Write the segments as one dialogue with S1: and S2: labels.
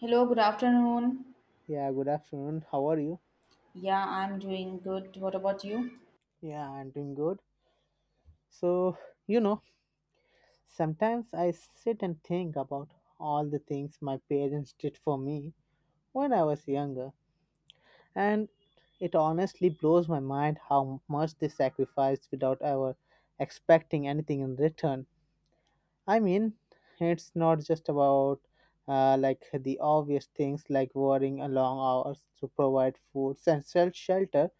S1: Hello, good afternoon.
S2: Yeah, good afternoon. How are you?
S1: Yeah, I'm doing good. What about you?
S2: Yeah, I'm doing good. So, you know, Sometimes I sit and think about all the things my parents did for me when I was younger, and it honestly blows my mind how much they sacrificed without ever expecting anything in return. I mean, it's not just about like the obvious things like worrying a long hours to provide food and sell shelter,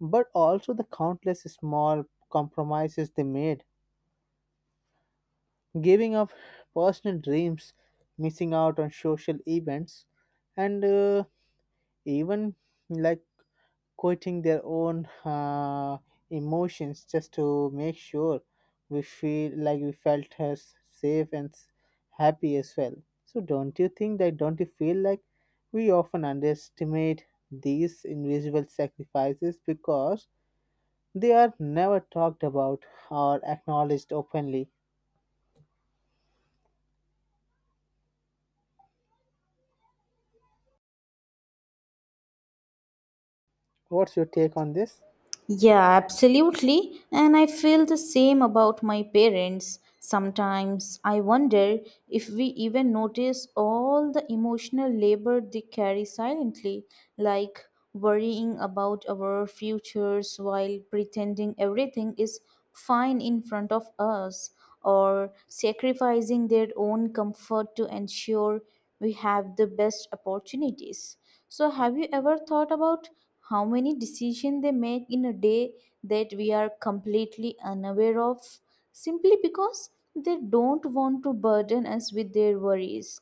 S2: but also the countless small compromises they made, giving up personal dreams, missing out on social events, and even like quoting their own emotions just to make sure we feel like we felt as safe and happy as well. So don't you feel like we often underestimate these invisible sacrifices because they are never talked about or acknowledged openly? What's your take on this?
S1: Yeah, absolutely. And I feel the same about my parents. Sometimes I wonder if we even notice all the emotional labor they carry silently, like worrying about our futures while pretending everything is fine in front of us, or sacrificing their own comfort to ensure we have the best opportunities. So, have you ever thought about how many decisions they make in a day that we are completely unaware of simply because they don't want to burden us with their worries?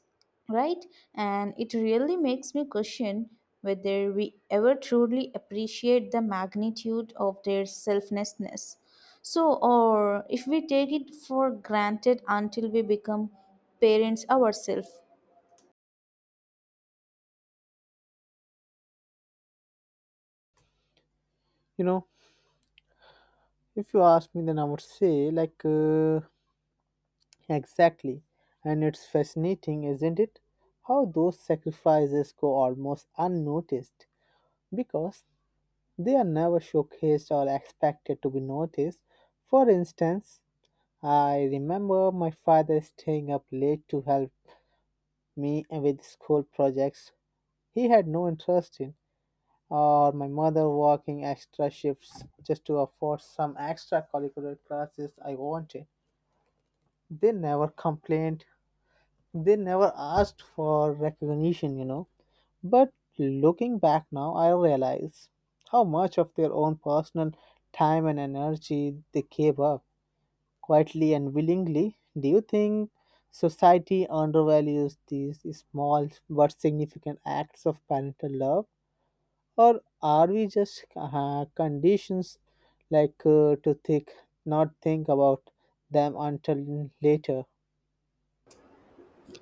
S1: Right? And it really makes me question whether we ever truly appreciate the magnitude of their selflessness. So, or if we take it for granted until we become parents ourselves.
S2: You know, if you ask me, then I would say exactly. And it's fascinating, isn't it, how those sacrifices go almost unnoticed because they are never showcased or expected to be noticed? For instance, I remember my father staying up late to help me with school projects he had no interest in, or my mother working extra shifts just to afford some extra curricular classes I wanted. They never complained. They never asked for recognition, you know. But looking back now, I realize how much of their own personal time and energy they gave up quietly and willingly. Do you think society undervalues these small but significant acts of parental love? Or are we just conditions to think not think about them until later?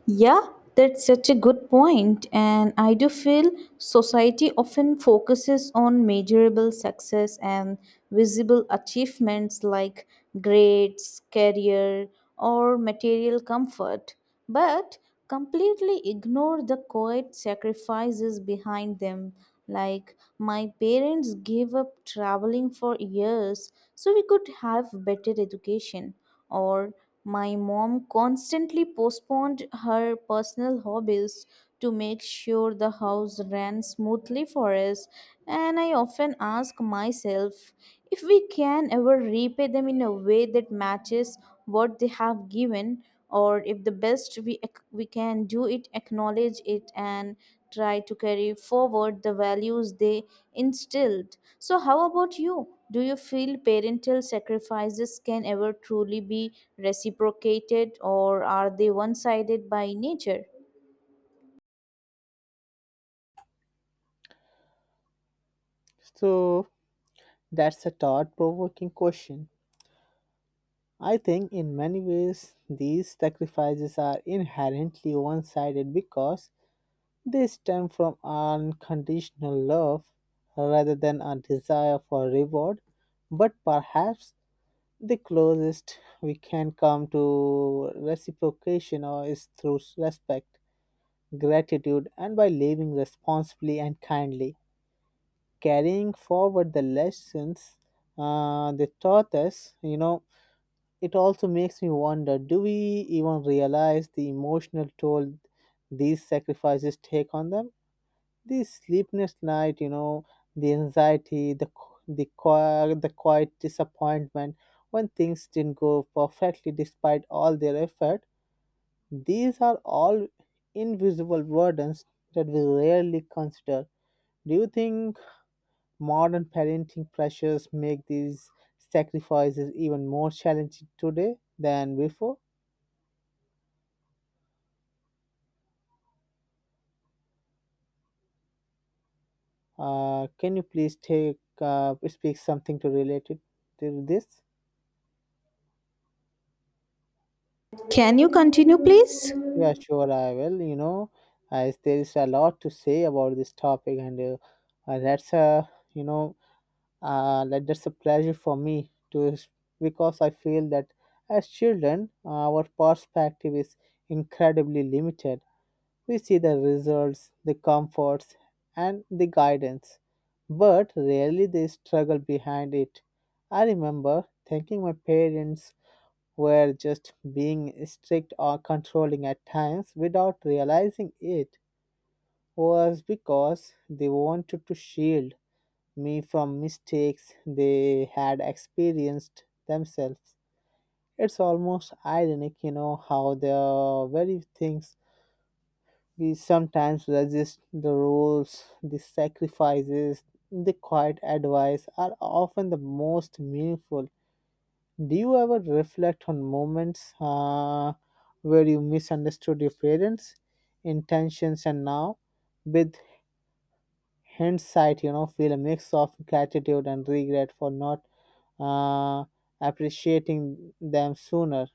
S1: Yeah, that's such a good point, and I do feel society often focuses on measurable success and visible achievements like grades, career, or material comfort, but completely ignore the quiet sacrifices behind them. Like, my parents gave up traveling for years so we could have better education, or my mom constantly postponed her personal hobbies to make sure the house ran smoothly for us, and I often ask myself if we can ever repay them in a way that matches what they have given, or if the best we can do it acknowledge it and try to carry forward the values they instilled. So, how about you? Do you feel parental sacrifices can ever truly be reciprocated, or are they one sided by nature?
S2: So That's a thought provoking question. I think in many ways these sacrifices are inherently one sided because they stem from unconditional love rather than a desire for reward. But perhaps the closest we can come to reciprocation or is through respect, gratitude, and by living responsibly and kindly, carrying forward the lessons they taught us, you know. It also makes me wonder, do we even realize the emotional toll these sacrifices take on them? The sleepless night, you know, the anxiety, the quiet disappointment when things didn't go perfectly despite all their effort. These are all invisible burdens that we rarely consider. Do you think modern parenting pressures make these sacrifices even more challenging today than before? Can you please take speak something to related to this?
S1: Can you continue, please?
S2: Yeah, sure, I will. You know, as there is a lot to say about this topic, and that's a you know that's a pleasure for me to because I feel that as children, our perspective is incredibly limited. We see the results, the comforts, and the guidance, but rarely the struggle behind it. I remember thinking my parents were just being strict or controlling at times without realizing it was because they wanted to shield me from mistakes they had experienced themselves. It's almost ironic, you know, how the very things we sometimes resist, the rules, the sacrifices, the quiet advice, are often the most meaningful. Do you ever reflect on moments where you misunderstood your parents' intentions and now, with hindsight, you know, feel a mix of gratitude and regret for not uh, appreciating them sooner?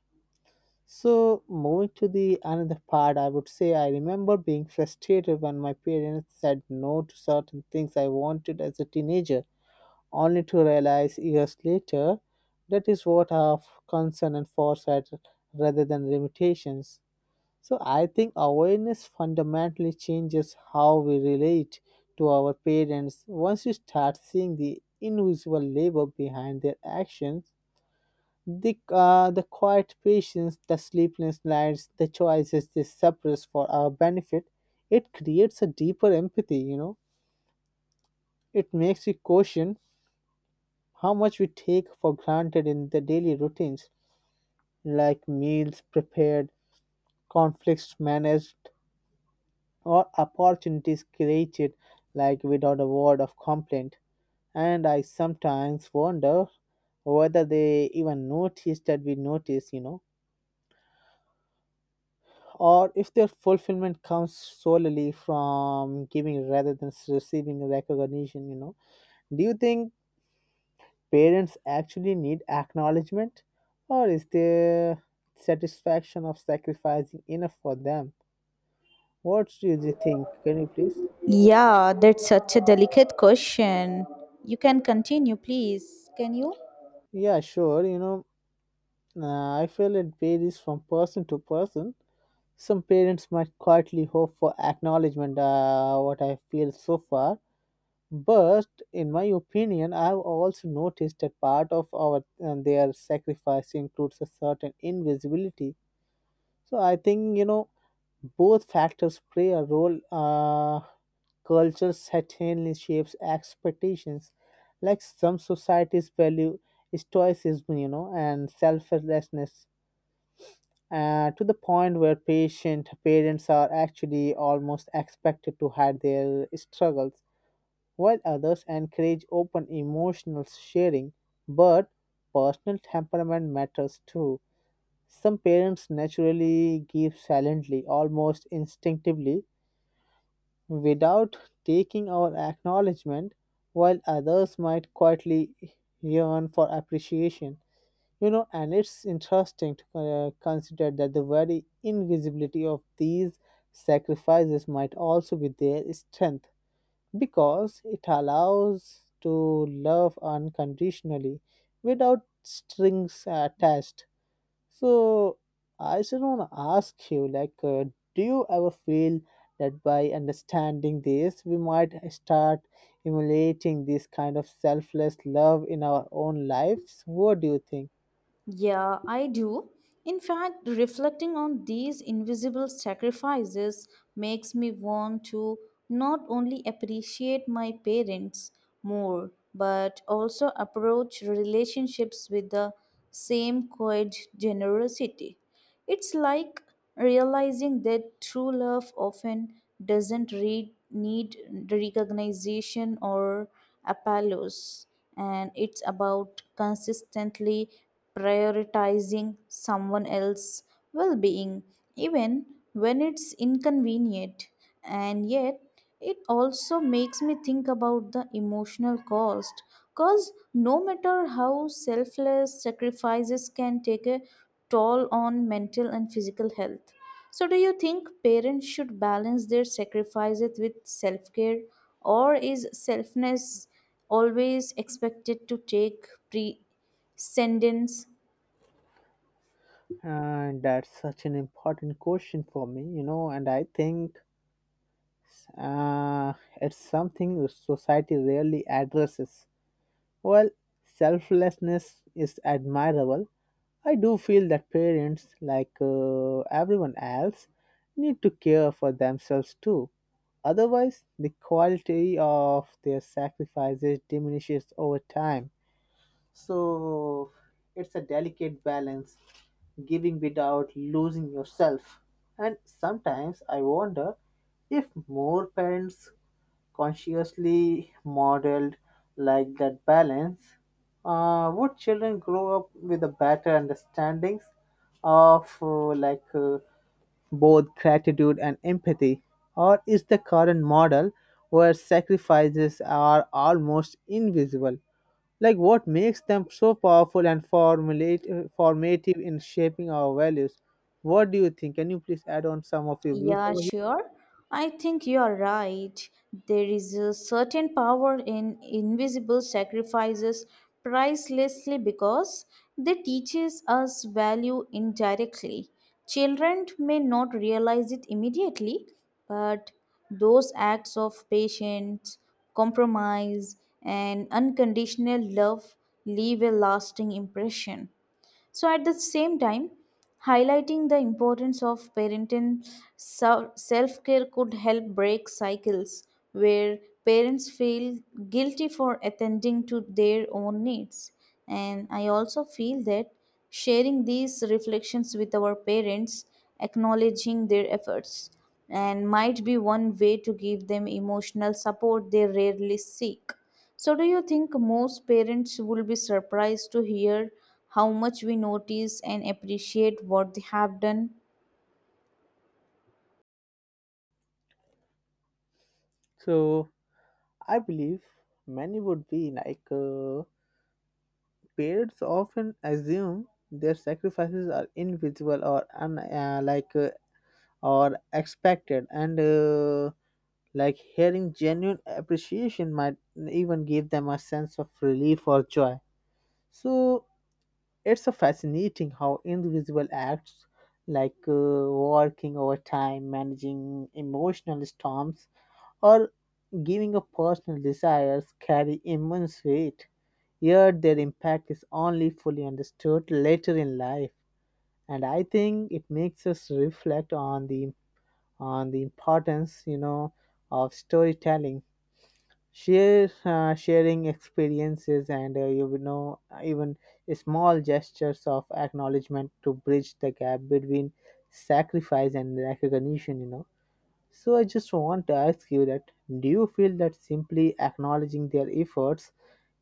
S2: So, moving to the another part, I would say I remember being frustrated when my parents said no to certain things I wanted as a teenager, only to realize years later that is what of concern and foresight rather than limitations. So, I think awareness fundamentally changes how we relate to our parents. Once you start seeing the invisible labor behind their actions, the quiet patience, the sleepless nights, the choices they suppress for our benefit, it creates a deeper empathy, you know. It makes you question how much we take for granted in the daily routines, like meals prepared, conflicts managed, or opportunities created, like without a word of complaint. And I sometimes wonder whether they even notice that we notice, you know, or if their fulfillment comes solely from giving rather than receiving recognition. You know, do you think parents actually need acknowledgement, or is there satisfaction of sacrificing enough for them? What do you think? Can you please?
S1: Yeah, that's such a delicate question. You can continue, please. Can you?
S2: Yeah, sure, you know, I feel it varies from person to person. Some parents might quietly hope for acknowledgement, what I feel so far. But in my opinion, I've also noticed that part of our and their sacrifice includes a certain invisibility. So I think, you know, both factors play a role. Culture certainly shapes expectations. Like some societies value stoicism, you know, and selflessness to the point where patient parents are actually almost expected to hide their struggles while others encourage open emotional sharing, but personal temperament matters too. Some parents naturally give silently, almost instinctively, without taking our acknowledgement, while others might quietly yearn for appreciation. You know, and it's interesting to consider that the very invisibility of these sacrifices might also be their strength because it allows to love unconditionally without strings attached. So I just want to ask you like, do you ever feel that by understanding this we might start emulating this kind of selfless love in our own lives? What do you think?
S1: Yeah, I do. In fact, reflecting on these invisible sacrifices makes me want to not only appreciate my parents more, but also approach relationships with the same quiet generosity. It's like realizing that true love often doesn't re- need recognition or applause, and it's about consistently prioritizing someone else's well being, even when it's inconvenient. And yet, it also makes me think about the emotional cost, because no matter how selfless, sacrifices can take a toll on mental and physical health. So, do you think parents should balance their sacrifices with self-care, or is selfness always expected to take precedence?
S2: And that's such an important question for me, you know, and I think uh, it's something the society rarely addresses. While selflessness is admirable, I do feel that parents, like everyone else, need to care for themselves too. Otherwise, the quality of their sacrifices diminishes over time. So, it's a delicate balance, giving without losing yourself. And sometimes I wonder if more parents consciously modeled like that balance, would children grow up with a better understandings of both gratitude and empathy, or is the current model where sacrifices are almost invisible? Like what makes them so powerful and formative in shaping our values? What do you think? Can you please add on some of your views
S1: Yeah,
S2: over here?
S1: sure. I think you are right. There is a certain power in invisible sacrifices, pricelessly because they teaches us value indirectly. Children may not realize it immediately, but those acts of patience, compromise, and unconditional love leave a lasting impression. So, at the same time, highlighting the importance of parenting self care could help break cycles where parents feel guilty for attending to their own needs. And I also feel that sharing these reflections with our parents, acknowledging their efforts, and might be one way to give them emotional support they rarely seek. So, do you think most parents will be surprised to hear how much we notice and appreciate what they have done?
S2: So I believe many would be like, parents often assume their sacrifices are invisible or or expected, and like hearing genuine appreciation might even give them a sense of relief or joy. So it's a fascinating how invisible acts like, working overtime, managing emotional storms, or giving up personal desires carry immense weight, yet their impact is only fully understood later in life. And I think it makes us reflect on the importance, you know, of storytelling, share sharing experiences, and you would know even small gestures of acknowledgement to bridge the gap between sacrifice and recognition, you know. So I just want to ask you that, do you feel that simply acknowledging their efforts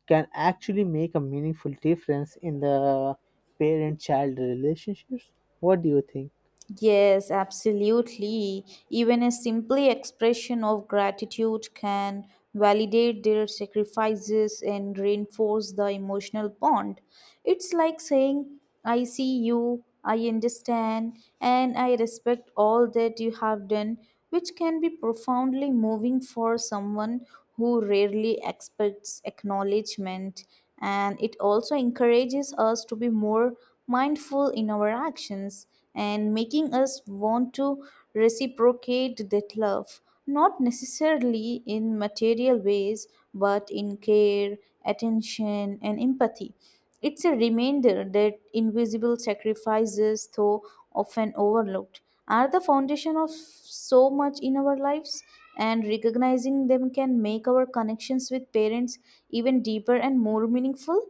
S2: can actually make a meaningful difference in the parent child relationships? What do you think?
S1: Yes, absolutely. Even a simple expression of gratitude can validate their sacrifices and reinforce the emotional bond. It's like saying, I see you, I understand, and I respect all that you have done, which can be profoundly moving for someone who rarely expects acknowledgement. And it also encourages us to be more mindful in our actions and making us want to reciprocate that love, not necessarily in material ways, but in care, attention, and empathy. It's a reminder that invisible sacrifices, though often overlooked, are the foundation of so much in our lives, and recognizing them can make our connections with parents even deeper and more meaningful.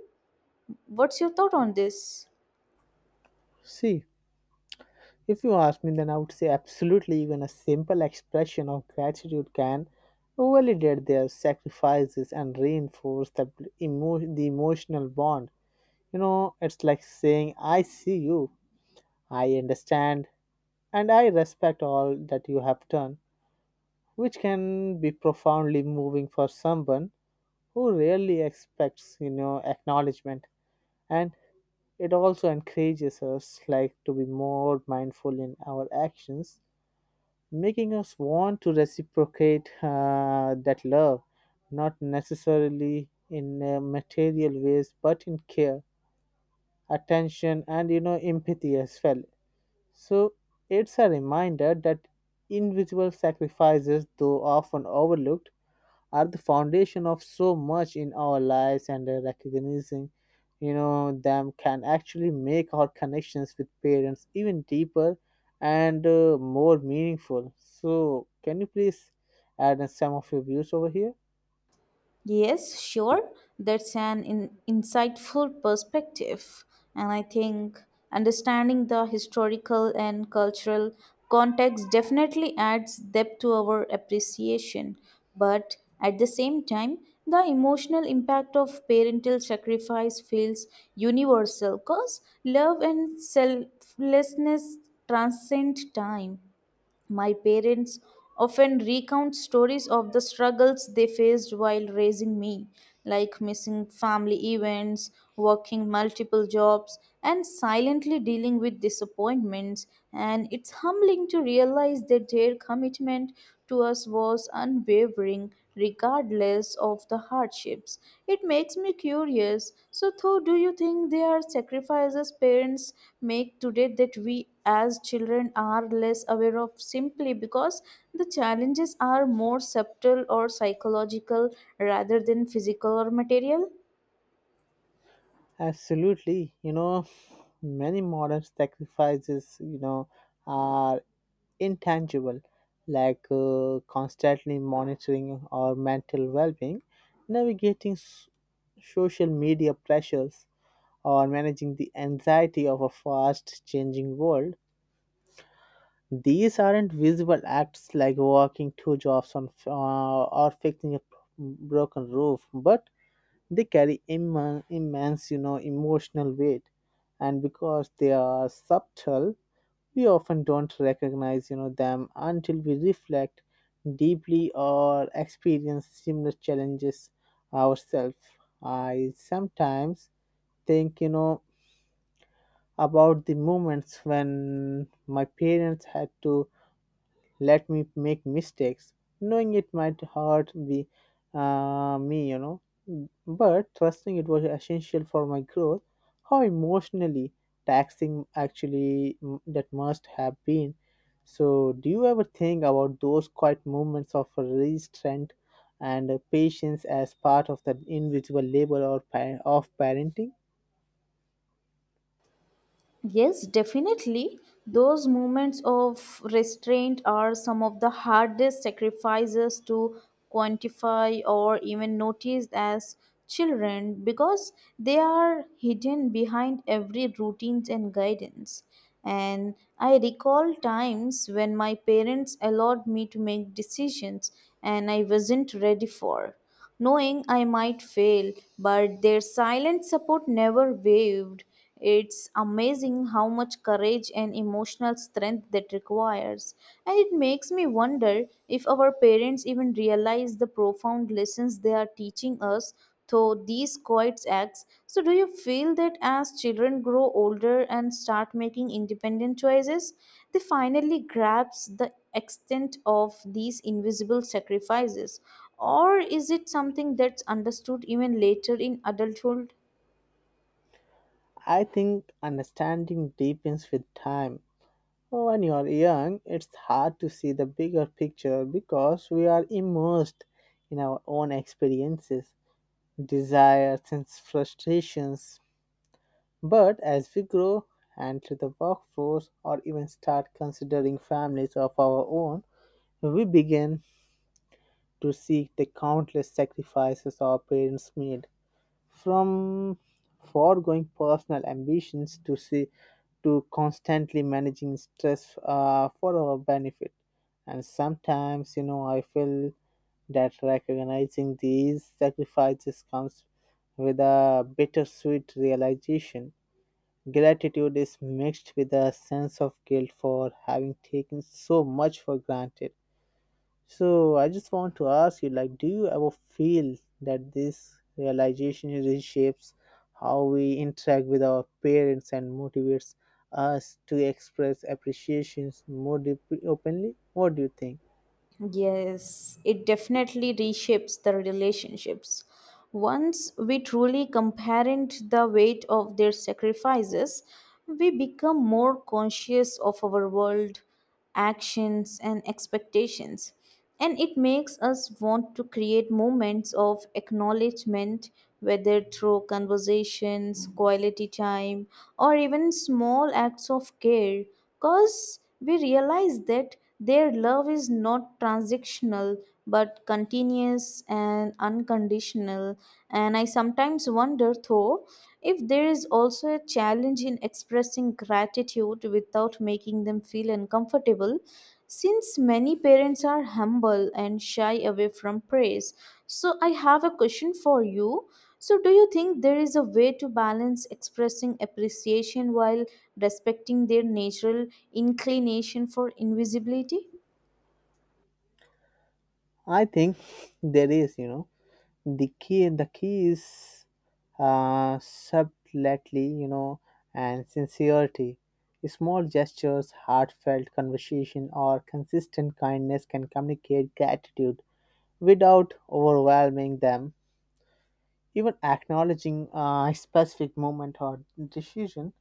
S1: What's your thought on this?
S2: See, if you ask me, then I would say absolutely, even a simple expression of gratitude can validate their sacrifices and reinforce the, the emotional bond. You know, it's like saying, I see you, I understand, and I respect all that you have done, which can be profoundly moving for someone who rarely expects, you know, acknowledgement. And it also encourages us like to be more mindful in our actions, making us want to reciprocate that love, not necessarily in material ways, but in care, attention, and, you know, empathy as well. So it's a reminder that individual sacrifices, though often overlooked, are the foundation of so much in our lives, and recognizing, you know, them can actually make our connections with parents even deeper and more meaningful. So can you please add in some of your views over here?
S1: Yes, sure. That's an insightful perspective. And I think understanding the historical and cultural context definitely adds depth to our appreciation. But at the same time, the emotional impact of parental sacrifice feels universal because love and selflessness transcend time. My parents often recount stories of the struggles they faced while raising me, like missing family events, working multiple jobs, and silently dealing with disappointments. And it's humbling to realize that their commitment to us was unwavering, regardless of the hardships. It makes me curious. So, though, do you think there are sacrifices parents make today that we as children are less aware of simply because the challenges are more subtle or psychological rather than physical or material?
S2: Absolutely, you know, many modern sacrifices, you know, are intangible, like, constantly monitoring our mental well-being, navigating social media pressures, or managing the anxiety of a fast changing world. These aren't visible acts like working two jobs on, or fixing a broken roof, but they carry immense, you know, emotional weight. And because they are subtle, we often don't recognize, you know, them until we reflect deeply or experience similar challenges ourselves. I sometimes think, you know, about the moments when my parents had to let me make mistakes, knowing it might hurt me, you know, but trusting it was essential for my growth. How emotionally taxing actually that must have been. So, do you ever think about those quiet moments of restraint and patience as part of the invisible labor or of parenting?
S1: Yes, definitely. Those moments of restraint are some of the hardest sacrifices to quantify or even notice as children because they are hidden behind every routines and guidance. And I recall times when my parents allowed me to make decisions and I wasn't ready for, knowing I might fail, but their silent support never wavered. It's amazing how much courage and emotional strength that requires. And it makes me wonder if our parents even realize the profound lessons they are teaching us through these quiet acts. So, do you feel that as children grow older and start making independent choices, they finally grasp the extent of these invisible sacrifices? Or is it something that's understood even later in adulthood?
S2: I think understanding deepens with time. When you are young, it's hard to see the bigger picture because we are immersed in our own experiences, desires, and frustrations. But as we grow and to the workforce or even start considering families of our own, we begin to see the countless sacrifices our parents made. From foregoing personal ambitions to see to constantly managing stress for our benefit. And sometimes, you know, I feel that recognizing these sacrifices comes with a bittersweet realization. Gratitude is mixed with a sense of guilt for having taken so much for granted. So I just want to ask you, like, do you ever feel that this realization reshapes how we interact with our parents and motivates us to express appreciations more deeply, openly? What do you think?
S1: Yes, it definitely reshapes the relationships. Once we truly comparent the weight of their sacrifices, we become more conscious of our world, actions, and expectations. And it makes us want to create moments of acknowledgement, whether through conversations, quality time, or even small acts of care, cause we realize that their love is not transactional but continuous and unconditional. And I sometimes wonder, though, if there is also a challenge in expressing gratitude without making them feel uncomfortable, since many parents are humble and shy away from praise. So I have a question for you. So, do you think there is a way to balance expressing appreciation while respecting their natural inclination for invisibility?
S2: I think there is, you know, the key. The key is subtlety, you know, and sincerity. Small gestures, heartfelt conversation, or consistent kindness can communicate gratitude without overwhelming them. Even acknowledging a specific moment or decision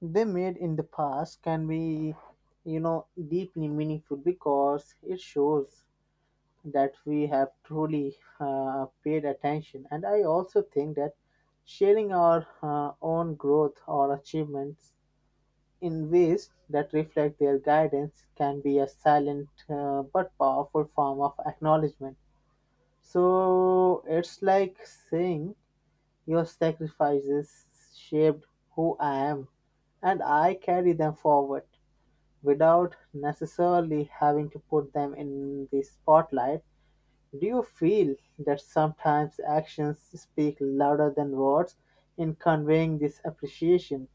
S2: they made in the past can be, you know, deeply meaningful because it shows that we have truly paid attention. And I also think that sharing our own growth or achievements in ways that reflect their guidance can be a silent but powerful form of acknowledgement. So it's like saying your sacrifices shaped who I am and I carry them forward without necessarily having to put them in the spotlight. Do you feel that sometimes actions speak louder than words in conveying this appreciation?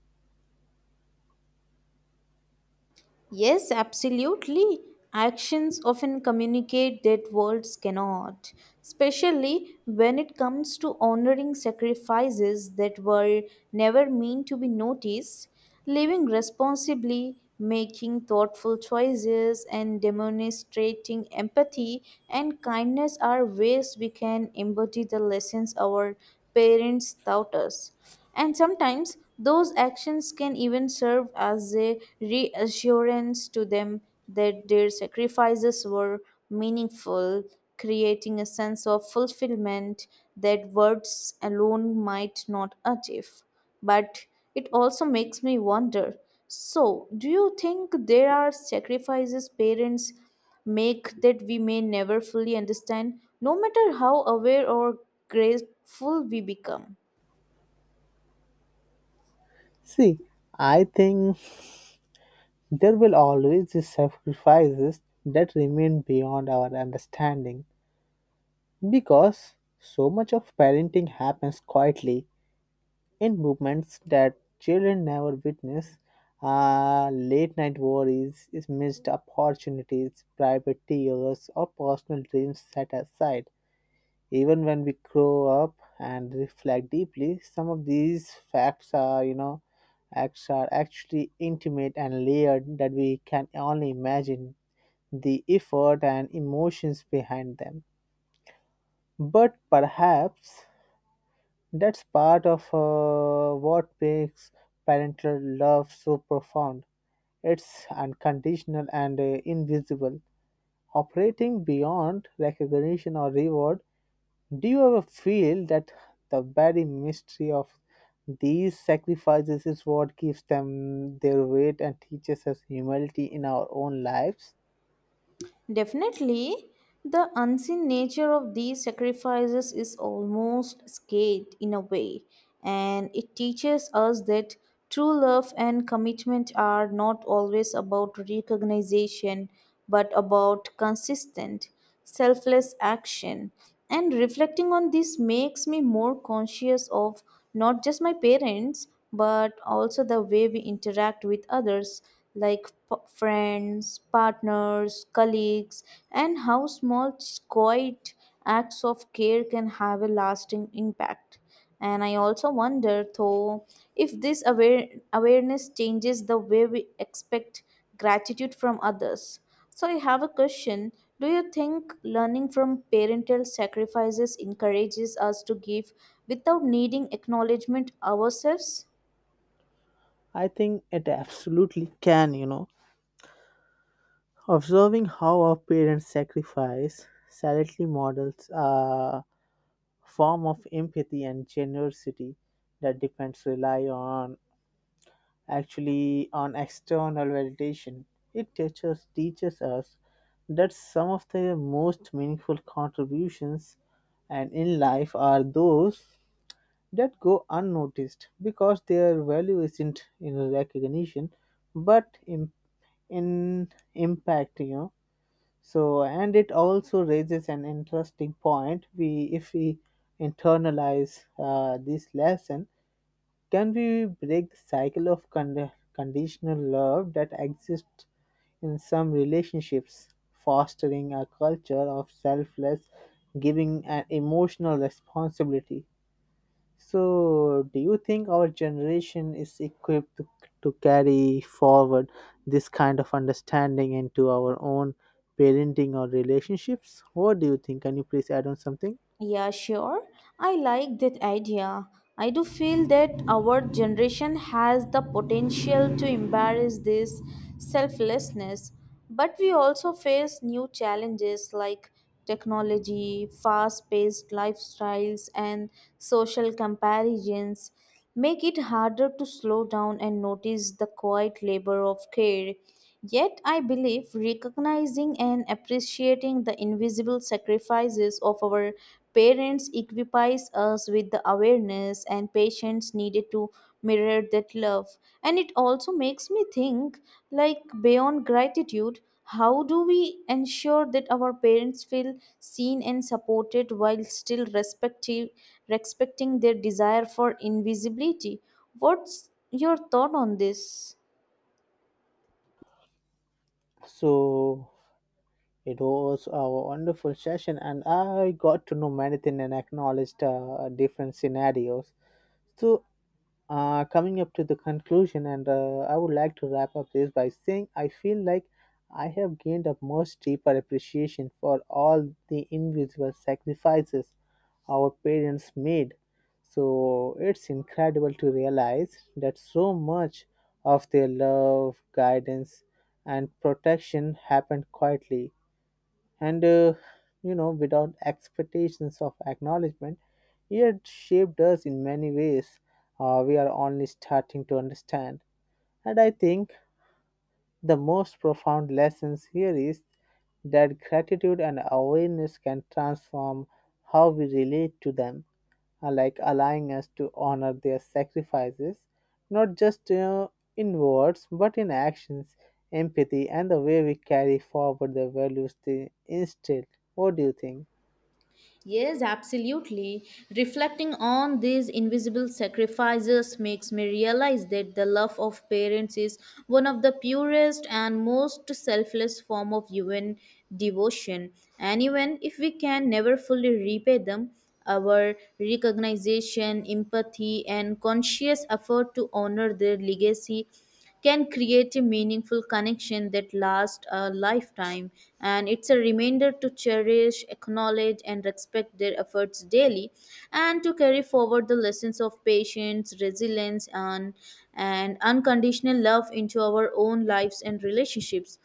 S1: Yes, absolutely. Actions often communicate that words cannot, especially when it comes to honoring sacrifices that were never meant to be noticed. Living responsibly, making thoughtful choices, and demonstrating empathy and kindness are ways we can embody the lessons our parents taught us. And sometimes those actions can even serve as a reassurance to them that their sacrifices were meaningful, creating a sense of fulfillment that words alone might not achieve. But it also makes me wonder, so, do you think there are sacrifices parents make that we may never fully understand, no matter how aware or grateful we become?
S2: See, I think there will always be sacrifices that remain beyond our understanding. Because so much of parenting happens quietly in movements that children never witness. Late night worries, is missed opportunities, private tears, or personal dreams set aside. Even when we grow up and reflect deeply, some of these facts are, you know, acts are actually intimate and layered that we can only imagine the effort and emotions behind them. But perhaps that's part of what makes parental love so profound. It's unconditional and invisible, operating beyond recognition or reward. Do you ever feel that the very mystery of these sacrifices is what gives them their weight and teaches us humility in our own lives?
S1: Definitely, the unseen nature of these sacrifices is almost sacred in a way, and it teaches us that true love and commitment are not always about recognition but about consistent selfless action. And reflecting on this makes me more conscious of not just my parents, but also the way we interact with others, like friends, partners, colleagues, and how small, quiet acts of care can have a lasting impact. And I also wonder, though, if this awareness changes the way we expect gratitude from others. So I have a question: do you think learning from parental sacrifices encourages us to give without needing acknowledgement ourselves?
S2: I think it absolutely can, you know. Observing how our parents sacrifice silently models. Form of empathy and generosity that depends rely on actually on external validation. It teaches us that some of the most meaningful contributions and in life are those that go unnoticed because their value isn't in recognition but in impact, you know. So and it also raises an interesting point, we if we internalize this lesson, can we break the cycle of conditional love that exists in some relationships, fostering a culture of selfless giving and emotional responsibility. So, do you think our generation is equipped to carry forward this kind of understanding into our own parenting or relationships? What do you think? Can you please add on something?
S1: Yeah, sure. I like that idea. I do feel that our generation has the potential to embrace this selflessness, but we also face new challenges like technology, fast paced lifestyles, and social comparisons make it harder to slow down and notice the quiet labor of care. Yet, I believe recognizing and appreciating the invisible sacrifices of our parents equips us with the awareness and patience needed to mirror that love. And it also makes me think, like, beyond gratitude, how do we ensure that our parents feel seen and supported while still respecting their desire for invisibility? What's your thought on this?
S2: So, it was a wonderful session, and I got to know many things and acknowledged different scenarios. So, coming up to the conclusion, and I would like to wrap up this by saying I feel like I have gained a much deeper appreciation for all the invisible sacrifices our parents made. So, it's incredible to realize that so much of their love, guidance, and protection happened quietly and you know, without expectations of acknowledgement. It shaped us in many ways. We are only starting to understand. And I think the most profound lessons here is that gratitude and awareness can transform how we relate to them. Like allowing us to honor their sacrifices, not just in words but in actions, empathy, and the way we carry forward the values they instilled. What do you think?
S1: Yes, absolutely. Reflecting on these invisible sacrifices makes me realize that the love of parents is one of the purest and most selfless form of human devotion. And even if we can never fully repay them, our recognition, empathy, and conscious effort to honor their legacy can create a meaningful connection that lasts a lifetime. And it's a reminder to cherish, acknowledge, and respect their efforts daily, and to carry forward the lessons of patience, resilience, and unconditional love into our own lives and relationships.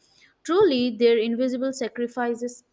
S1: Truly, their invisible sacrifices